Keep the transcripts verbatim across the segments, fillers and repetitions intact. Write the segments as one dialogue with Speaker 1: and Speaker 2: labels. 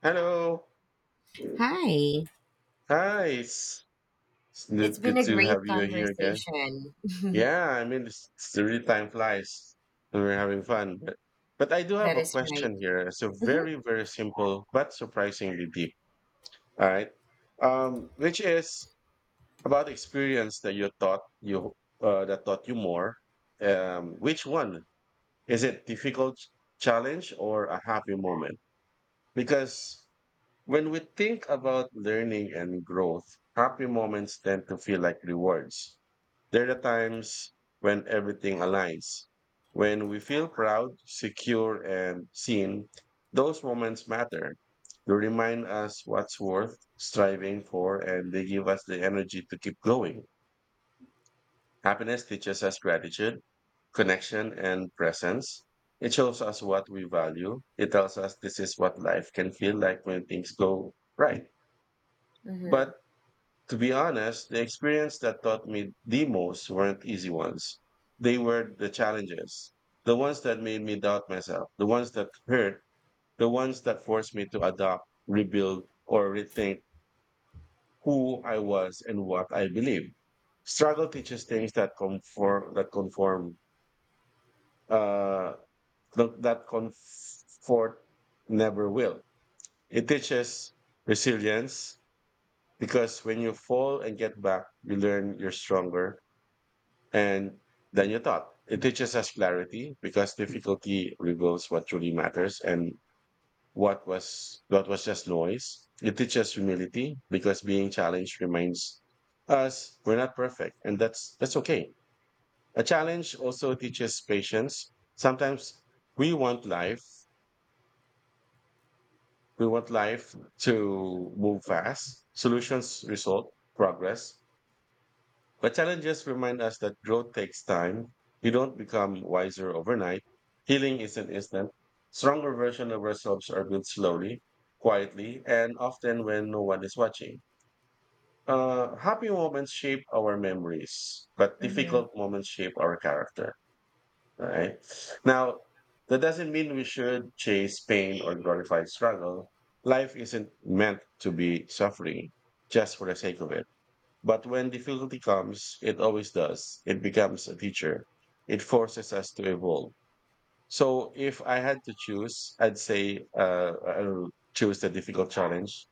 Speaker 1: Hello.
Speaker 2: Hi,
Speaker 1: Hi. It's, it's
Speaker 2: it's
Speaker 1: good
Speaker 2: been
Speaker 1: good
Speaker 2: a
Speaker 1: to
Speaker 2: great
Speaker 1: have you here again.
Speaker 2: conversation.
Speaker 1: Yeah, I mean, it's, it's the real time flies and we're having fun. But, but I do have
Speaker 2: That
Speaker 1: a
Speaker 2: is right.
Speaker 1: question here. It's a
Speaker 2: Mhm,
Speaker 1: very, very simple but surprisingly deep. All right. Um, which is about experience that you thought you uh, that taught you more. Um, which one is it? Difficult challenge or a happy moment? Because when we think about learning and growth, happy moments tend to feel like rewards. There are times when everything aligns. When we feel proud, secure, and seen, those moments matter. They remind us what's worth striving for, and they give us the energy to keep going. Happiness teaches us gratitude, connection, and presence. It shows us what we value. It tells us this is what life can feel like when things go right.
Speaker 2: mhm,
Speaker 1: But to be honest, the experience that taught me the most weren't easy ones. They were the challenges, the ones that made me doubt myself, the ones that hurt, the ones that forced me to adopt, rebuild, or rethink who I was and what I believed. Struggle teaches things that conform, that conform, uh, th- that comfort never will. It teaches resilience because when you fall and get back, you learn you're stronger. And then you thought it teaches us clarity because difficulty reveals what truly matters and what was what was just noise. It teaches humility because being challenged reminds us we're not perfect, and that's that's okay. A challenge also teaches patience. Sometimes we want life, we want life to move fast. Solutions result progress. But challenges remind us that growth takes time. We don't become wiser overnight. Healing isn't instant. Stronger versions of ourselves are built slowly, quietly, and often when no one is watching. Uh, happy moments shape our memories, but
Speaker 2: mhm,
Speaker 1: difficult moments shape our character. Right now, that doesn't mean we should chase pain or glorify struggle. Life isn't meant to be suffering just for the sake of it. But when difficulty comes, it always does. It becomes a teacher. It forces us to evolve. So if I had to choose, I'd say uh, I'll choose the difficult challenge,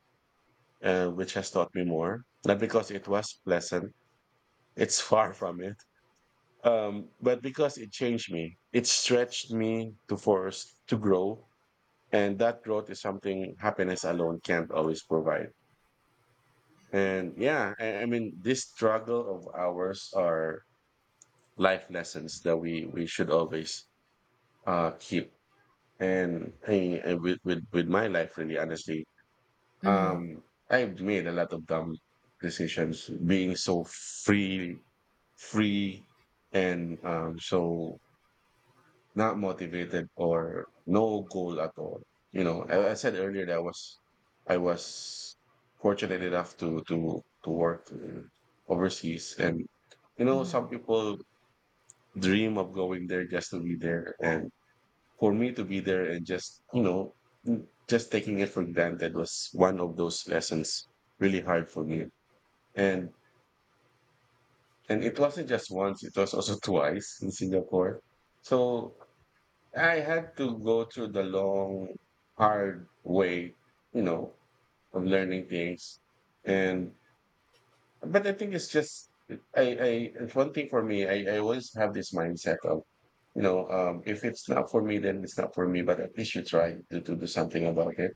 Speaker 1: uh, which has taught me more. Not because it was pleasant, it's far from it, um, but because it changed me. It stretched me to force to grow. And that growth is something happiness alone can't always provide. And yeah, I, I mean, this struggle of ours are life lessons that we we should always uh keep. And hey, and with, with with my life, really honestly,
Speaker 2: mhm,
Speaker 1: um I've made a lot of dumb decisions being so free free and um so not motivated or no goal at all. You know, i, I said earlier that i was i was fortunate enough to to to work uh, overseas, and you know, some
Speaker 2: mhm,
Speaker 1: people dream of going there just to be there. And for me to be there and just, you know, mm, just taking it for granted was one of those lessons really hard for me. And and it wasn't just once, it was also twice in Singapore. So I had to go through the long, hard way, you know, of learning things. And but I think it's just I I it's one thing for me. I, I always have this mindset of, you know, um, if it's not for me, then it's not for me. But at least you try to, to do something about it,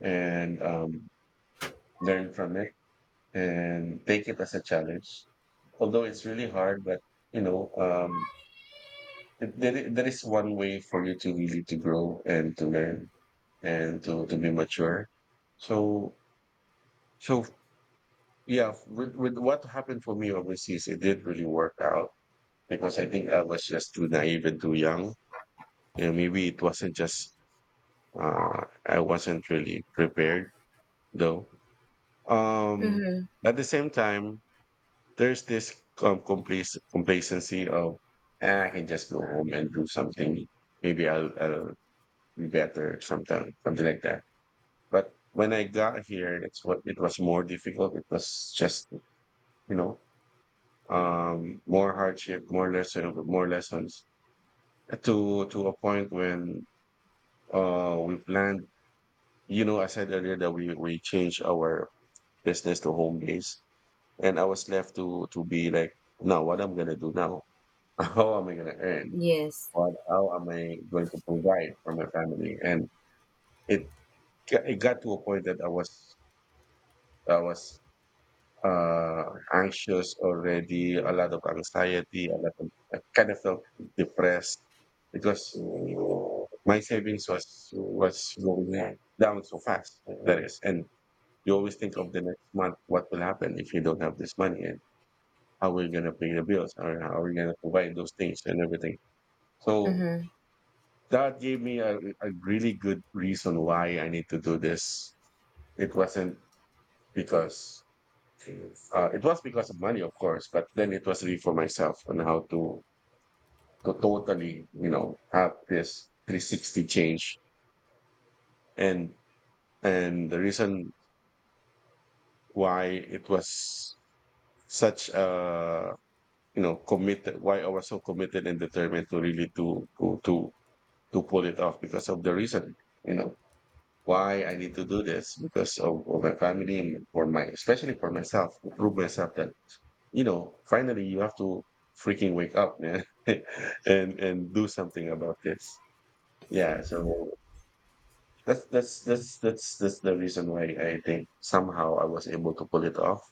Speaker 1: and um, learn from it and take it as a challenge. Although it's really hard, but you know, um, th- there i- there is one way for you to really to grow and to learn and to to be mature. So so yeah, with with what happened for me overseas, it did really work out because I think I was just too naive and too young. And maybe it wasn't just uh, I wasn't really prepared though. Um,
Speaker 2: mhm.
Speaker 1: at the same time, there's this um, complac- complacency of, "Eh, I can just go home and do something. Maybe I'll, I'll be better sometime," something like that. But when I got here, it's what it was more difficult. It was just, you know, um, more hardship, more lesson, more lessons, to to a point when Uh, we planned, you know, I said earlier that we we changed our business to home base, and I was left to to be like, now what I'm gonna do now? How am I gonna earn?
Speaker 2: Yes.
Speaker 1: What how am I going to provide for my family? And it g- it got to a point that I was I was uh anxious already, a lot of anxiety, a lot of, I kind of felt depressed because my savings was was going down so fast. That is. And you always think of the next month, what will happen if you don't have this money, and how we're going to pay the bills, or how we're going to provide those things and everything. So
Speaker 2: Mhm,
Speaker 1: that gave me a, a really good reason why I need to do this. It wasn't because uh, it was because of money, of course, but then it was really for myself, and how to to totally, you know, have this three sixty change. And and the reason why it was such a, you know, committed, why I was so committed and determined to really to to to to pull it off, because of the reason, you know, why I need to do this, because of, of my family, and for my, especially for myself, to prove myself that, you know, finally, you have to freaking wake up, man, and and do something about this. Yeah, so that's that's that's that's that's the reason why I think somehow I was able to pull it off.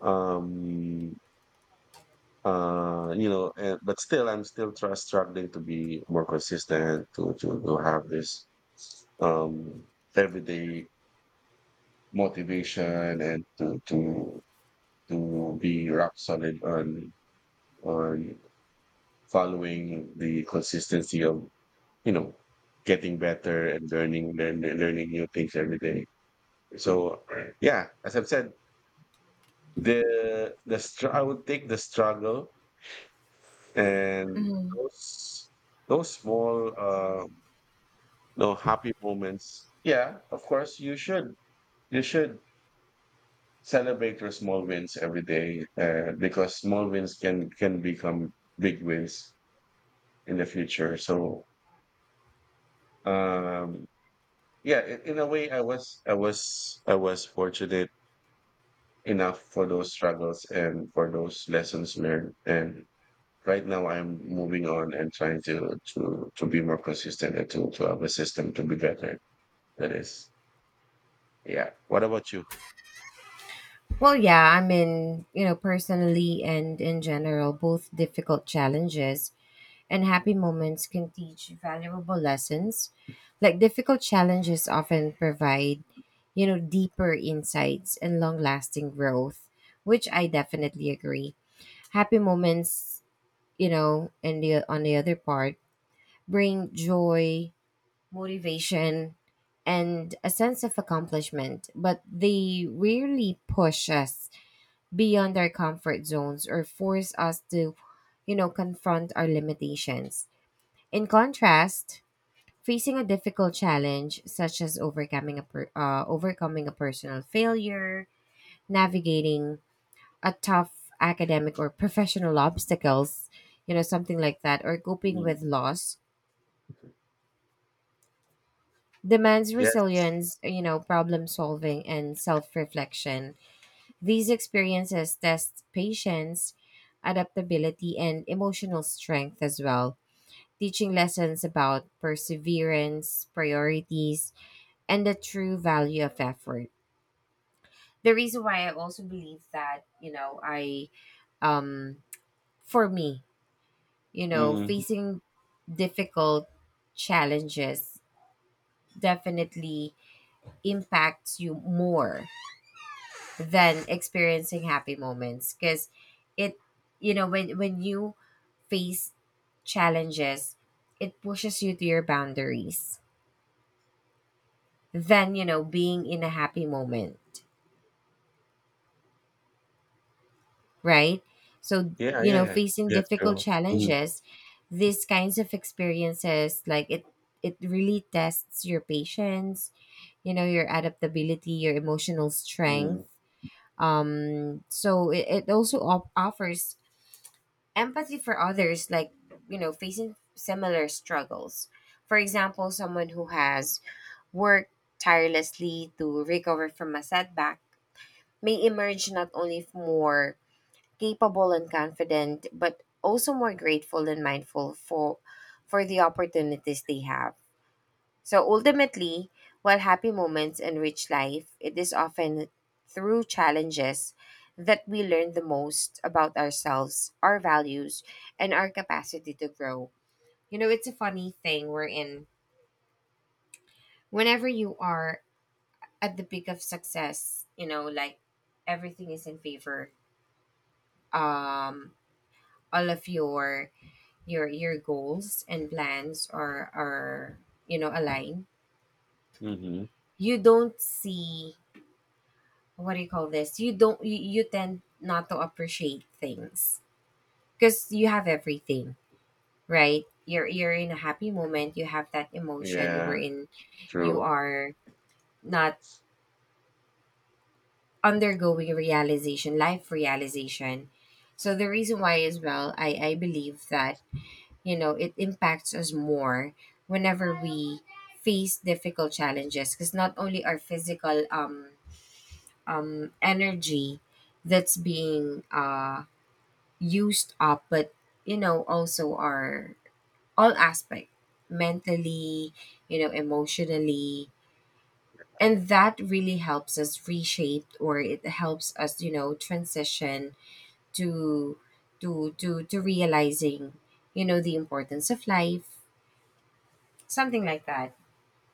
Speaker 1: um uh you know, and but still, I'm still try, struggling to be more consistent to to, to have this um everyday motivation, and to to to be rock solid on on following the consistency of, you know, getting better and learning learn, learning new things every day. So yeah, as I've said, the the str- I would take the struggle. And
Speaker 2: mhm.
Speaker 1: those those small uh, no happy moments. Yeah, of course you should, you should celebrate your small wins every day, uh, because small wins can can become big wins in the future. So um, yeah, in, in a way, I was I was I was fortunate enough for those struggles and for those lessons learned, and right now I'm moving on and trying to to to be more consistent and to to have a system to be better. That is, yeah. What about you?
Speaker 2: Well, yeah, I mean, you know, personally and in general, both difficult challenges and happy moments can teach valuable lessons. Like difficult challenges often provide, you know, deeper insights and long-lasting growth, which I definitely agree. Happy moments, you know, and the on the other part, bring joy, motivation, and a sense of accomplishment, but they rarely push us beyond our comfort zones or force us to, you know, confront our limitations. In contrast, facing a difficult challenge such as overcoming a per- uh, overcoming a personal failure, navigating a tough academic or professional obstacles, you know, something like that, or coping
Speaker 1: Mm.
Speaker 2: with loss demands
Speaker 1: Yes.
Speaker 2: resilience, you know, problem solving, and self reflection. These experiences test patience, adaptability, and emotional strength as well, teaching lessons about perseverance, priorities, and the true value of effort. The reason why I also believe that, you know, I, um, for me, you know,
Speaker 1: Mm.
Speaker 2: facing difficult challenges definitely impacts you more than experiencing happy moments, because it, you know, when when you face challenges, it pushes you to your boundaries, than, you know, being in a happy moment, right? So,
Speaker 1: Yeah,
Speaker 2: you
Speaker 1: yeah,
Speaker 2: know,
Speaker 1: yeah.
Speaker 2: facing
Speaker 1: Yeah,
Speaker 2: difficult
Speaker 1: true. Hmm.
Speaker 2: challenges, these kinds of experiences, like, it it really tests your patience, you know, your adaptability, your emotional
Speaker 1: Hmm.
Speaker 2: strength. Um so it, it also op- offers empathy for others, like, you know, facing similar struggles. For example, someone who has worked tirelessly to recover from a setback may emerge not only more capable and confident, but also more grateful and mindful for for the opportunities they have. So ultimately, while happy moments enrich life, it is often through challenges that we learn the most about ourselves, our values, and our capacity to grow. You know, it's a funny thing we're in. Whenever you are at the peak of success, you know, like, everything is in favor. Um, all of your your your goals and plans are are, you know, aligned.
Speaker 1: Hmm.
Speaker 2: You don't see, what do you call this? You don't, you, you tend not to appreciate things, because you have everything, right? You're you're in a happy moment. You have that emotion
Speaker 1: Yeah,
Speaker 2: wherein you
Speaker 1: true.
Speaker 2: are not undergoing realization, life realization. So the reason why as well, I I believe that, you know, it impacts us more whenever we face difficult challenges, because not only our physical um um energy that's being uh used up, but, you know, also our all aspect, mentally, you know, emotionally, and that really helps us reshape, or it helps us, you know, transition to to to to realizing, you know, the importance of life, something like that.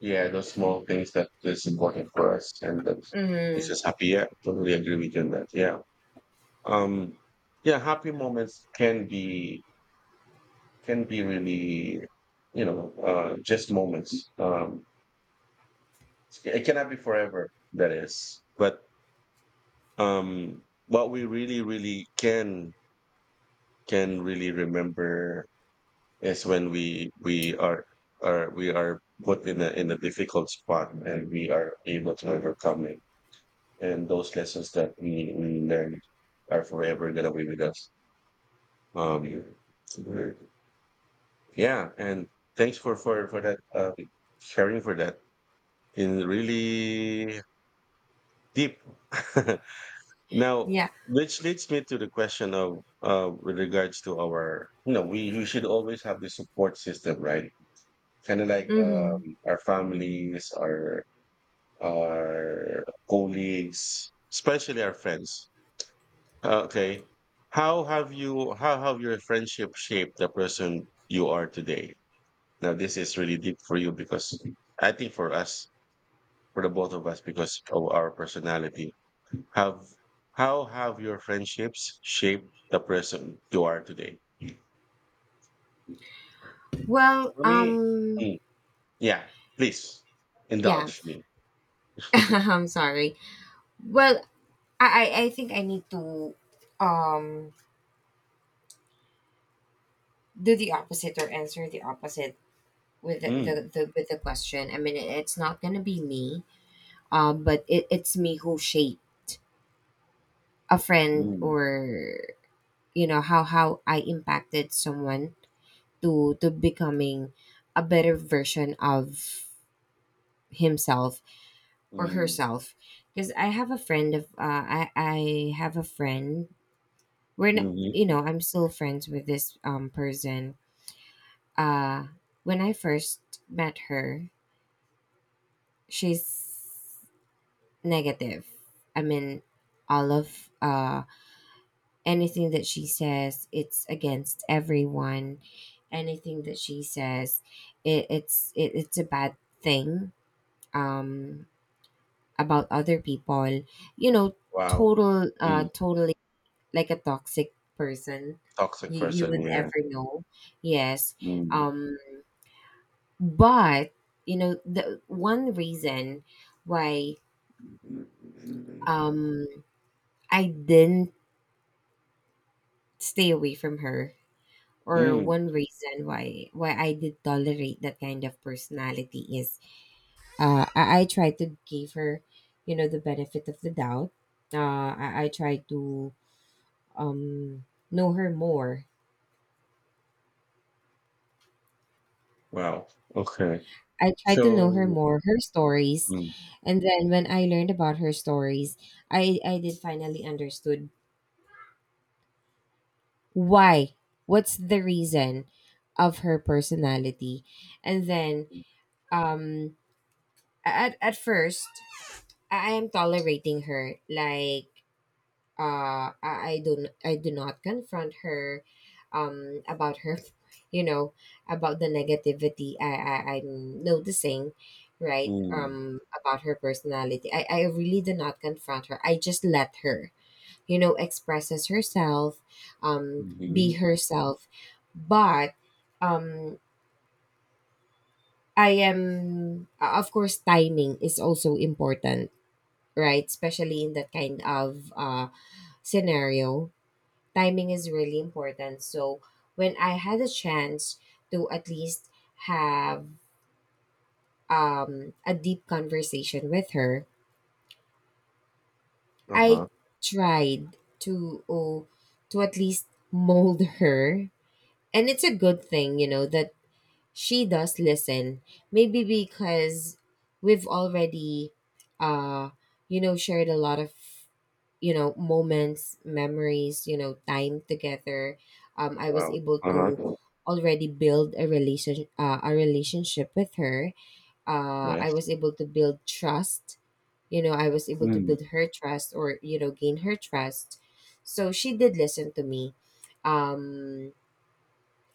Speaker 1: Yeah, those small things that is important for us and that makes
Speaker 2: Mm-hmm.
Speaker 1: us happy. Yeah, totally agree with you on that. Yeah. Um, yeah, happy moments can be, can be really, you know, uh, just moments. Um, It cannot be forever, that is. But um, what we really, really can can really remember is when we we are are we are put in a in a difficult spot and we are able to overcome it. And those lessons that we, we learned are forever gonna be with us. Um, yeah, and thanks for for for that uh, sharing, for that in really deep. Now,
Speaker 2: Yeah.
Speaker 1: which leads me to the question of, uh, with regards to our, you know, we, we should always have the support system, right? Kind of like, um,
Speaker 2: Mm-hmm.
Speaker 1: our families, our our colleagues, especially our friends. Uh, Okay, how have you how have your friendship shaped the person you are today? Now, this is really deep for you because I think for us, for the both of us, because of our personality have how have your friendships shaped the person you are today?
Speaker 2: Well,
Speaker 1: For me,
Speaker 2: um
Speaker 1: mm, yeah, please
Speaker 2: yeah,
Speaker 1: indulge me.
Speaker 2: I'm sorry. Well, I, I i think I need to um do the opposite, or answer the opposite with the,
Speaker 1: Mm,
Speaker 2: the, the with the question. I mean, it's not gonna be me, uh, but it, it's me who shaped a friend,
Speaker 1: mm,
Speaker 2: or, you know, how how I impacted someone to to becoming a better version of himself or
Speaker 1: mm,
Speaker 2: herself. Because I have a friend of uh, I I have a friend. We're not, you
Speaker 1: mhm.
Speaker 2: know, I'm still friends with this um person. Uh, when I first met her, she's negative. I mean, all of uh, anything that she says, it's against everyone. Anything that she says, it, it's it, it's a bad thing, um, about other people. You know,
Speaker 1: Wow,
Speaker 2: total, uh,
Speaker 1: mm,
Speaker 2: totally like a toxic person.
Speaker 1: toxic
Speaker 2: You, you
Speaker 1: person,
Speaker 2: would
Speaker 1: yeah.
Speaker 2: ever know. Yes.
Speaker 1: Mm,
Speaker 2: um but, you know, the one reason why, um I didn't stay away from her, or
Speaker 1: mm,
Speaker 2: one reason why why I did tolerate that kind of personality is, uh, I, I tried to give her, you know, the benefit of the doubt. Uh, I, I tried to, um, know her more.
Speaker 1: wow, okay.
Speaker 2: I tried to know her
Speaker 1: So,
Speaker 2: more, her stories.
Speaker 1: mm,
Speaker 2: And then when I learned about her stories, I, I did finally understood why, what's the reason of her personality. And then, um at, at first, I I am tolerating her. Like, uh I, I don't I do not confront her, um about her, you know, about the negativity I, I I'm noticing, right?
Speaker 1: mm,
Speaker 2: Um about her personality. I, I really do not confront her. I just let her, you know, expresses herself, um, be
Speaker 1: mhm,
Speaker 2: herself. But, um I am uh, of course, timing is also important, right? Especially in that kind of uh scenario, timing is really important. So when I had a chance to at least have, um, a deep conversation with her, I
Speaker 1: uh-huh,
Speaker 2: tried to, oh, to at least mold her. And it's a good thing, you know, that she does listen, maybe because we've already, uh you know, shared a lot of, you know, moments, memories, you know, time together. um I was
Speaker 1: wow,
Speaker 2: able to
Speaker 1: uh-huh,
Speaker 2: already build a relation uh, a relationship with her. uh I
Speaker 1: yes,
Speaker 2: was able to build trust, you know, I was able to
Speaker 1: mm,
Speaker 2: build her trust, or, you know, gain her trust, so she did listen to me. um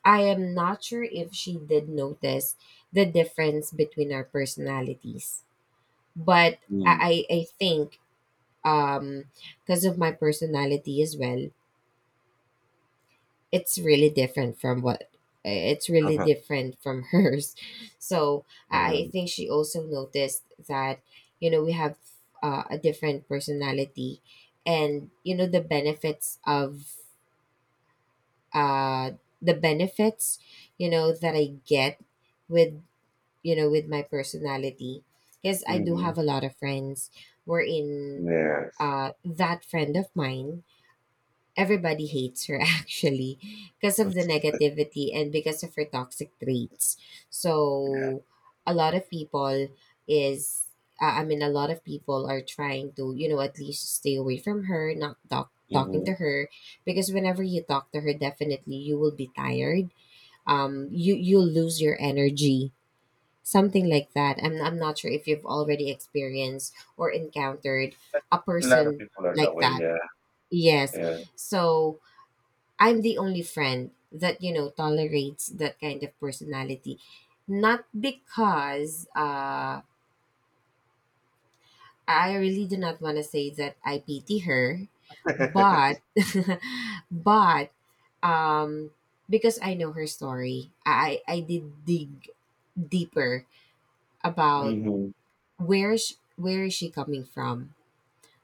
Speaker 2: I am not sure if she did notice the difference between our personalities, but
Speaker 1: mm,
Speaker 2: I I, I think, um because of my personality as well, it's really different from what it's really
Speaker 1: uh-huh,
Speaker 2: different from hers. So I
Speaker 1: uh-huh,
Speaker 2: I think she also noticed that, you know, we have, uh, a different personality, and, you know, the benefits of, uh the benefits you know, that I get with, you know, with my personality. Because I do
Speaker 1: mhm,
Speaker 2: have a lot of friends, wherein,
Speaker 1: yes,
Speaker 2: uh, that friend of mine, everybody hates her actually, because of the
Speaker 1: let's
Speaker 2: negativity and because of her toxic traits.
Speaker 1: see.
Speaker 2: So a lot of people is, uh, I mean, a lot of people are trying to, you know, at least stay away from her, not talk talking
Speaker 1: Mhm.
Speaker 2: to her, because whenever you talk to her, definitely you will be tired, um you you'll lose your energy, something like that. I'm I'm not sure if you've already experienced or encountered
Speaker 1: A
Speaker 2: a
Speaker 1: lot of
Speaker 2: person
Speaker 1: people are that
Speaker 2: like
Speaker 1: way,
Speaker 2: that.
Speaker 1: yeah,
Speaker 2: Yes.
Speaker 1: yeah.
Speaker 2: So I'm the only friend that, you know, tolerates that kind of personality, not because, uh, I really do not want to say that I pity her, but but, um, because I know her story, I I did dig deeper about
Speaker 1: Mhm.
Speaker 2: where is where is she coming from.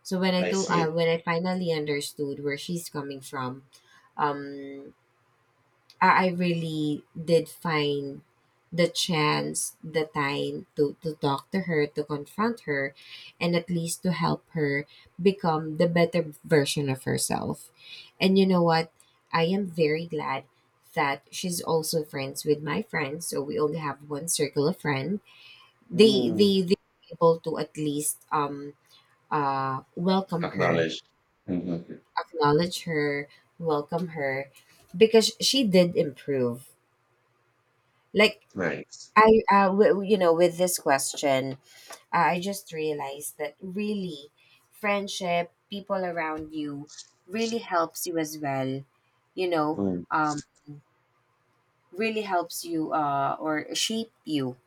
Speaker 2: So when i
Speaker 1: I
Speaker 2: told uh,
Speaker 1: see.
Speaker 2: when I finally understood where she's coming from, um I, I really did find the chance the time to to talk to her, to confront her, and at least to help her become the better version of herself. And, you know what, I am very glad that she's also friends with my friends, so we only have one circle of friends. they
Speaker 1: Mm.
Speaker 2: they they were able to at least, um uh, welcome her,
Speaker 1: Acknowledged. Mhm.
Speaker 2: acknowledge her, welcome her, because she did improve. Like,
Speaker 1: Nice.
Speaker 2: I, uh, w- you know, with this question, uh, I just realized that really, friendship, people around you, really helps you as well. You know,
Speaker 1: Mm.
Speaker 2: um, really helps you, uh, or shape you.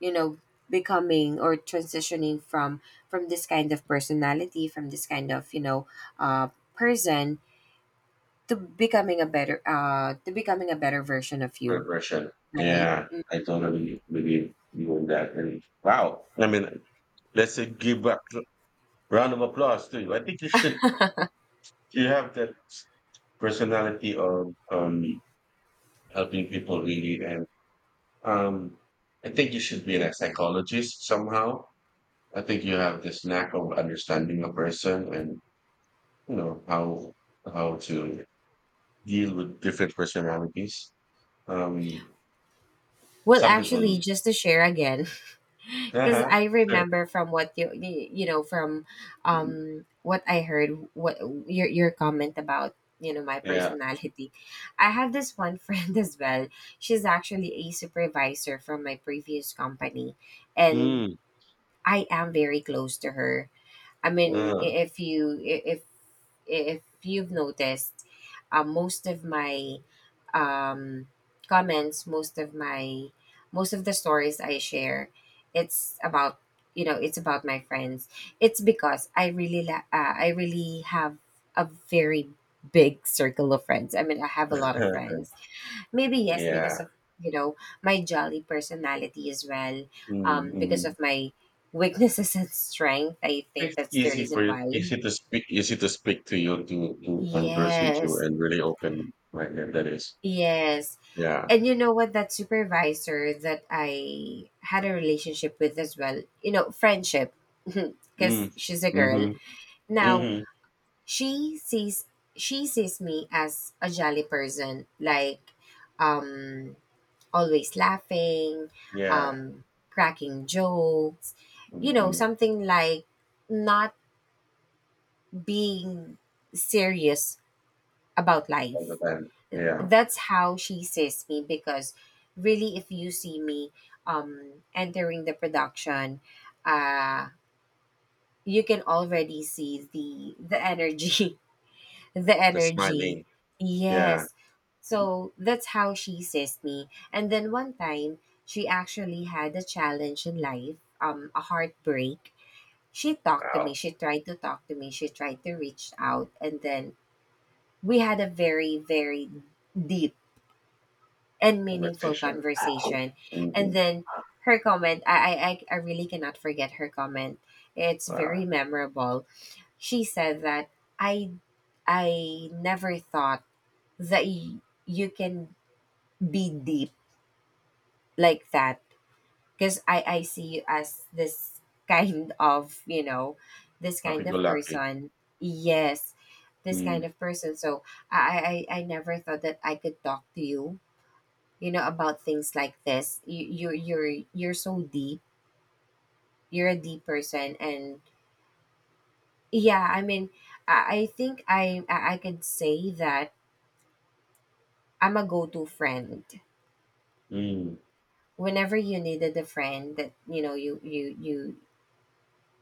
Speaker 2: You know, becoming or transitioning from from this kind of personality, from this kind of, you know, uh, person, to becoming a better uh to becoming a better version of you,
Speaker 1: Progression.
Speaker 2: right.
Speaker 1: Yeah, I
Speaker 2: Mm.
Speaker 1: totally believe you on that. And wow, I mean, let's say give a cl- round of applause to you. I think you should. You have that personality of, um helping people really, and um, I think you should be a psychologist somehow. I think you have this knack of understanding a person, and you know, how how to deal with different personalities. Um,
Speaker 2: Well,
Speaker 1: some
Speaker 2: actually,
Speaker 1: people,
Speaker 2: just to share again, because
Speaker 1: uh-huh,
Speaker 2: I
Speaker 1: sure,
Speaker 2: remember from what you you you know, from, um what I heard, what your your comment about, you know, my
Speaker 1: yeah,
Speaker 2: personality. I have this one friend as well. She's actually a supervisor from my previous company, and
Speaker 1: mm.
Speaker 2: I am very close to her. I mean,
Speaker 1: uh,
Speaker 2: i- if you i- if if you've noticed, uh, most of my, um, comments, most of my most of the stories I share, it's about, you know, it's about my friends. It's because I really la- uh, I really have a very big circle of friends. I mean, I have a lot of friends. Maybe yes,
Speaker 1: yeah,
Speaker 2: because of, you know, my jolly personality as well. Um, because
Speaker 1: mm-hmm.
Speaker 2: of my weaknesses and strength, I think
Speaker 1: It's
Speaker 2: that's the
Speaker 1: easy for
Speaker 2: reason
Speaker 1: you,
Speaker 2: why.
Speaker 1: easy to speak, easy to speak to you, to to converse with you,
Speaker 2: Yes,
Speaker 1: and really open minded. That is,
Speaker 2: yes.
Speaker 1: yeah,
Speaker 2: And you know what? That supervisor that I had a relationship with as well, you know, friendship,
Speaker 1: mm,
Speaker 2: because she's a girl.
Speaker 1: mm-hmm,
Speaker 2: Now
Speaker 1: mm-hmm,
Speaker 2: she sees she sees me as a jolly person, like, um always laughing,
Speaker 1: yeah,
Speaker 2: um, cracking jokes, you know,
Speaker 1: hmm,
Speaker 2: something like not being serious about
Speaker 1: all the
Speaker 2: life.
Speaker 1: time, yeah,
Speaker 2: That's how she sees me, because really, if you see me, um, entering the production, uh, you can already see the the energy, the
Speaker 1: the
Speaker 2: energy.
Speaker 1: smiling, yeah,
Speaker 2: Yes. So that's how she sees me. And then one time, she actually had a challenge in life, um, a heartbreak. She talked to
Speaker 1: wow,
Speaker 2: me. She tried to talk to me. She tried to reach out. And then we had a very, very deep and meaningful
Speaker 1: conversation,
Speaker 2: conversation.
Speaker 1: hmm,
Speaker 2: And then her comment, I, I, I I really cannot forget her comment. It's very
Speaker 1: wow.
Speaker 2: memorable. She said that, I, I never thought that y- you can be deep like that, because I, I see you as this kind of, you know this
Speaker 1: Happy
Speaker 2: kind
Speaker 1: go
Speaker 2: of
Speaker 1: lucky.
Speaker 2: person. Yes. This
Speaker 1: Mm.
Speaker 2: kind of person. So i i, I never thought that I could talk to you, you know, about things like this, you you're you're, you're so deep, you're a deep person. And yeah, I mean, i, I think I, I i could say that I'm a go-to friend,
Speaker 1: Mm.
Speaker 2: whenever you needed a friend that, you know, you you you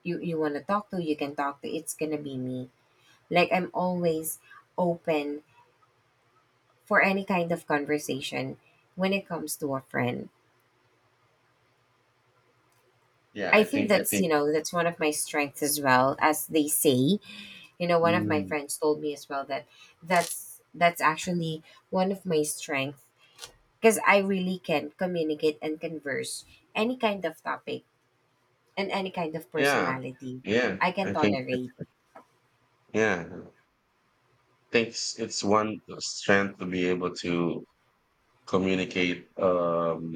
Speaker 2: you you want to talk to, you can talk to, it's gonna be me. Like, I'm always open for any kind of conversation when it comes to a friend.
Speaker 1: Yeah,
Speaker 2: I
Speaker 1: I
Speaker 2: think
Speaker 1: think I
Speaker 2: that's,
Speaker 1: think
Speaker 2: you know, that's one of my strengths as well. As they say, you know, one of my
Speaker 1: mm.
Speaker 2: friends told me as well, that that's that's actually one of my strengths, because I really can communicate and converse any kind of topic and any kind of
Speaker 1: yeah.
Speaker 2: personality.
Speaker 1: Yeah.
Speaker 2: I can
Speaker 1: I think
Speaker 2: tolerate.
Speaker 1: yeah. I think it's, it's one strength to be able to communicate um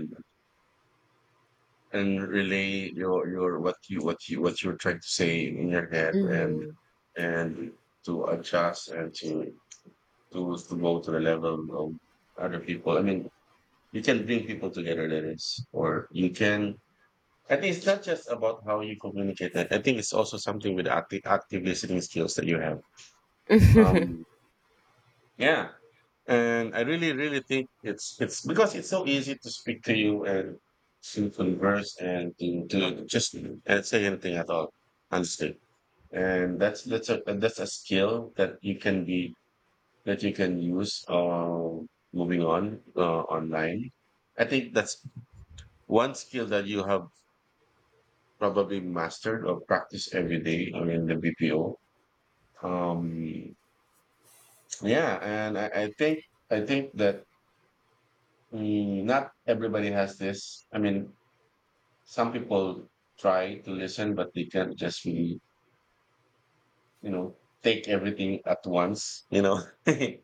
Speaker 1: and relay your your what you what you what you're trying to say in your head and
Speaker 2: Mm-hmm.
Speaker 1: and to adjust and to to, to go to the level of other people. I mean you can bring people together that is, or you can, I think it's not just about how you communicate that. I think it's also something with active, active listening skills that you have. Um, yeah. And I really, really think it's, it's because it's so easy to speak to you and to converse and to, to just and say anything at all. Understood. And that's, that's a, and that's a skill that you can be, that you can use, uh, moving on, uh, online. I think that's one skill that you have probably mastered or practiced every day. I mean the B P O. Um, yeah, and I, I think I think that mm, not everybody has this. I mean, some people try to listen, but they can't just really, you know, take everything at once. You know,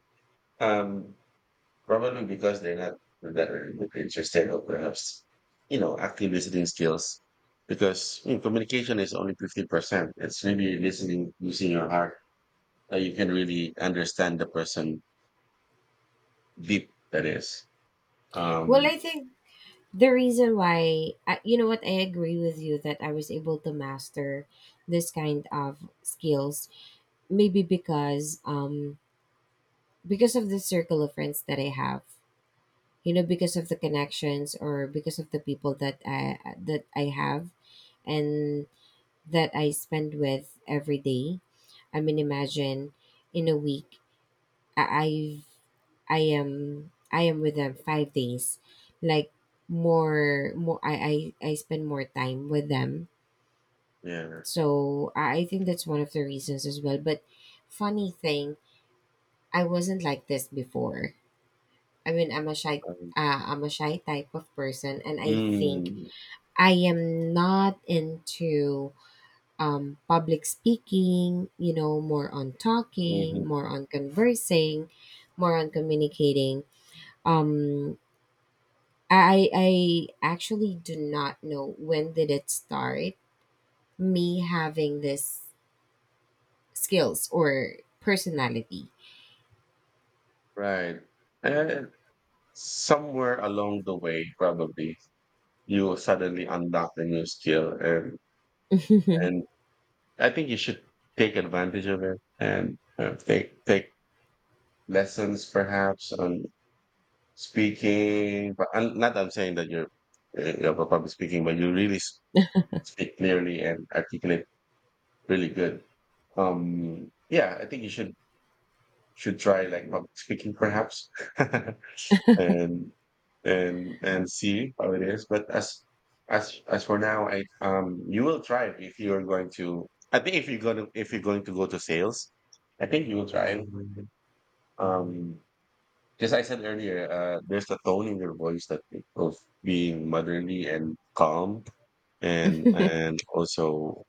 Speaker 1: um, probably because they're not that interested, or perhaps, you know, active listening skills. Because you know, communication is only fifty percent. It's really listening using your heart, uh, you can really understand the person deep that is
Speaker 2: Well,
Speaker 1: um
Speaker 2: I think the reason why, I, you know what, I agree with you, that I was able to master this kind of skills, maybe because, um because of the circle of friends that I have, you know, because of the connections, or because of the people that i that I have, and that I spend with every day. I mean, imagine in a week, I, I I am I am with them five days, like, more more I I, I spend more time with them.
Speaker 1: yeah
Speaker 2: So I I think that's one of the reasons as well. But funny thing, I wasn't like this before. I mean, I'm a shy
Speaker 1: um,
Speaker 2: uh, I'm a shy type of person, and I think
Speaker 1: mm,
Speaker 2: I am not into, um, public speaking. You know, more on
Speaker 1: hmm
Speaker 2: talking, more on conversing, more on communicating. um I I actually do not know when did it start, me having this skills or personality.
Speaker 1: right. And uh, somewhere along the way probably you will suddenly unlock a new skill, and
Speaker 2: It's
Speaker 1: and I think you should take advantage of it and, uh, take take lessons perhaps on speaking. But I, not that I'm saying that you're, uh, you know, about public speaking, but you really s- speak clearly and articulate really good. Um, yeah, I think you should should try like public speaking perhaps, and and and see how it is. But as as as for now, I, um you will thrive if you are going to. I think if you're gonna if you're going to go to sales, I think you will thrive. Um, just I said earlier, uh, there's a tone in your voice that of being motherly and calm, and and also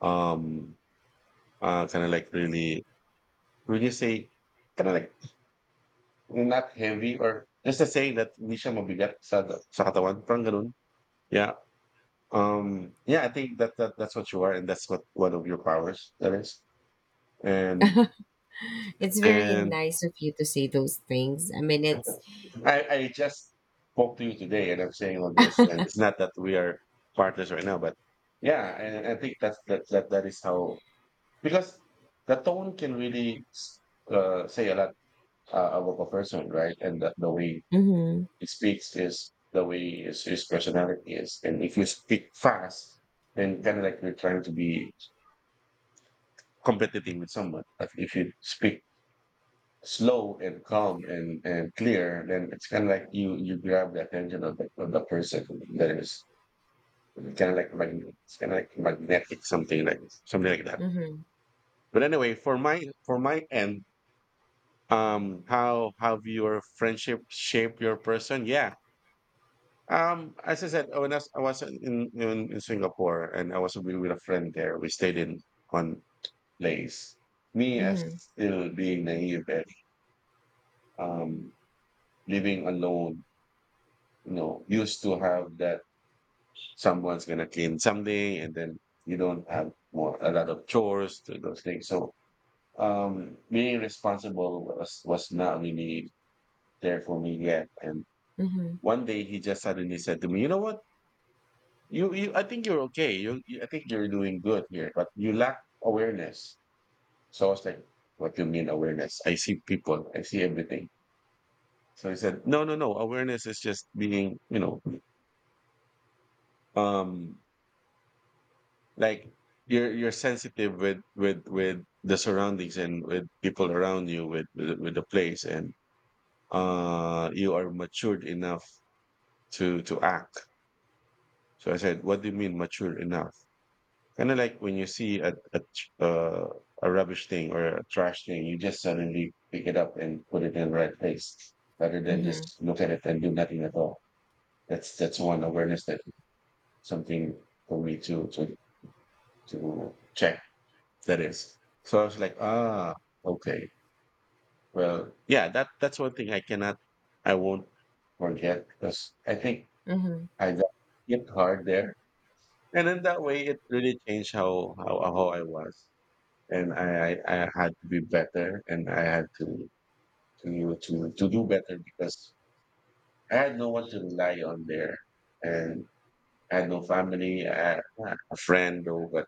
Speaker 1: um uh, kind of like really, would you say, kind of like, not heavy or just a saying that hindi siya mabigat sa, sa katawan. Parang ganun. Yeah. Um, yeah, I think that, that that's what you are and that's what one of your powers that is. And,
Speaker 2: very
Speaker 1: and
Speaker 2: nice of you to say those things. I mean, it's
Speaker 1: I, I just spoke to you today and I'm saying all this, and it's not that we are partners right now, but yeah, and I think that's, that, that, that is how, because the tone can really, uh, say a lot, uh, about a person, right? And the, the way
Speaker 2: mhm,
Speaker 1: he speaks is the way his, his personality is. And if you speak fast, then kind of like you're trying to be competitive with someone. But if you speak slow and calm and, and clear, then it's kind of like you you grab the attention of the, of the person that is kind of like magnet, it's kind of like magnetic, something like something like that.
Speaker 2: mhm,
Speaker 1: But anyway, for my for my end, um, how have your friendship shaped your person? Yeah, Um, as I said, when I was, I was in, in in Singapore, and I was with with a friend there. We stayed in one place. Me as
Speaker 2: mhm,
Speaker 1: still being naive and, um, living alone, you know, used to have that someone's gonna clean someday, and then you don't have more a lot of chores to those things. So um, being responsible was was not really there for me yet. And
Speaker 2: mhm,
Speaker 1: one day he just suddenly said to me, "You know what? You, you, I think you're okay. You, you, I think you're doing good here, but you lack awareness. So I was like, what do you mean awareness? I see people, I see everything. So he said, no, no, no. Awareness is just being, you know, um, like you're, you're sensitive with, with, with the surroundings and with people around you, with, with, with the place and, uh, you are matured enough to, to act. So I said, what do you mean mature enough? Kind of like when you see a a, tr- uh, a rubbish thing or a trash thing, you just suddenly pick it up and put it in the right place, rather than
Speaker 2: mhm,
Speaker 1: just look at it and do nothing at all. That's that's one awareness that something for me to to to check. That is. So I was like, ah, okay. Well, yeah, that that's one thing I cannot, I won't forget, because I think
Speaker 2: mhm,
Speaker 1: I got hit hard there, and in that way, it really changed how how how I was. And I, I I had to be better, and I had to to to to do better, because I had no one to rely on there, and I had no family, I had a friend, or but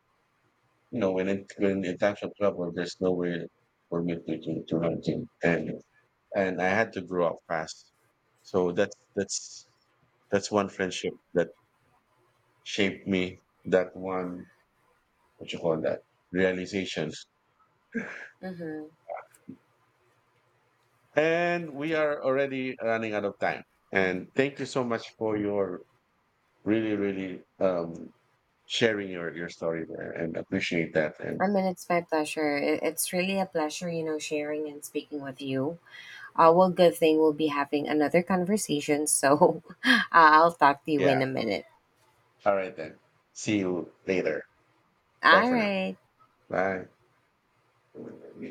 Speaker 1: you know when it when in times of trouble, there's nowhere for me to to, to run to, and and I had to grow up fast. So that's that's that's one friendship that shaped me. That one, what you call that, realization.
Speaker 2: mhm.
Speaker 1: And we are already running out of time. And thank you so much for your really, really, um, sharing your, your story there, and appreciate that. And
Speaker 2: I mean, it's my pleasure. It, it's really a pleasure, you know, sharing and speaking with you. Uh, well, good thing we'll be having another conversation. So, I'll talk to you
Speaker 1: yeah.
Speaker 2: in a minute.
Speaker 1: All right then. See you later. Bye
Speaker 2: All
Speaker 1: for now.
Speaker 2: right.
Speaker 1: Bye.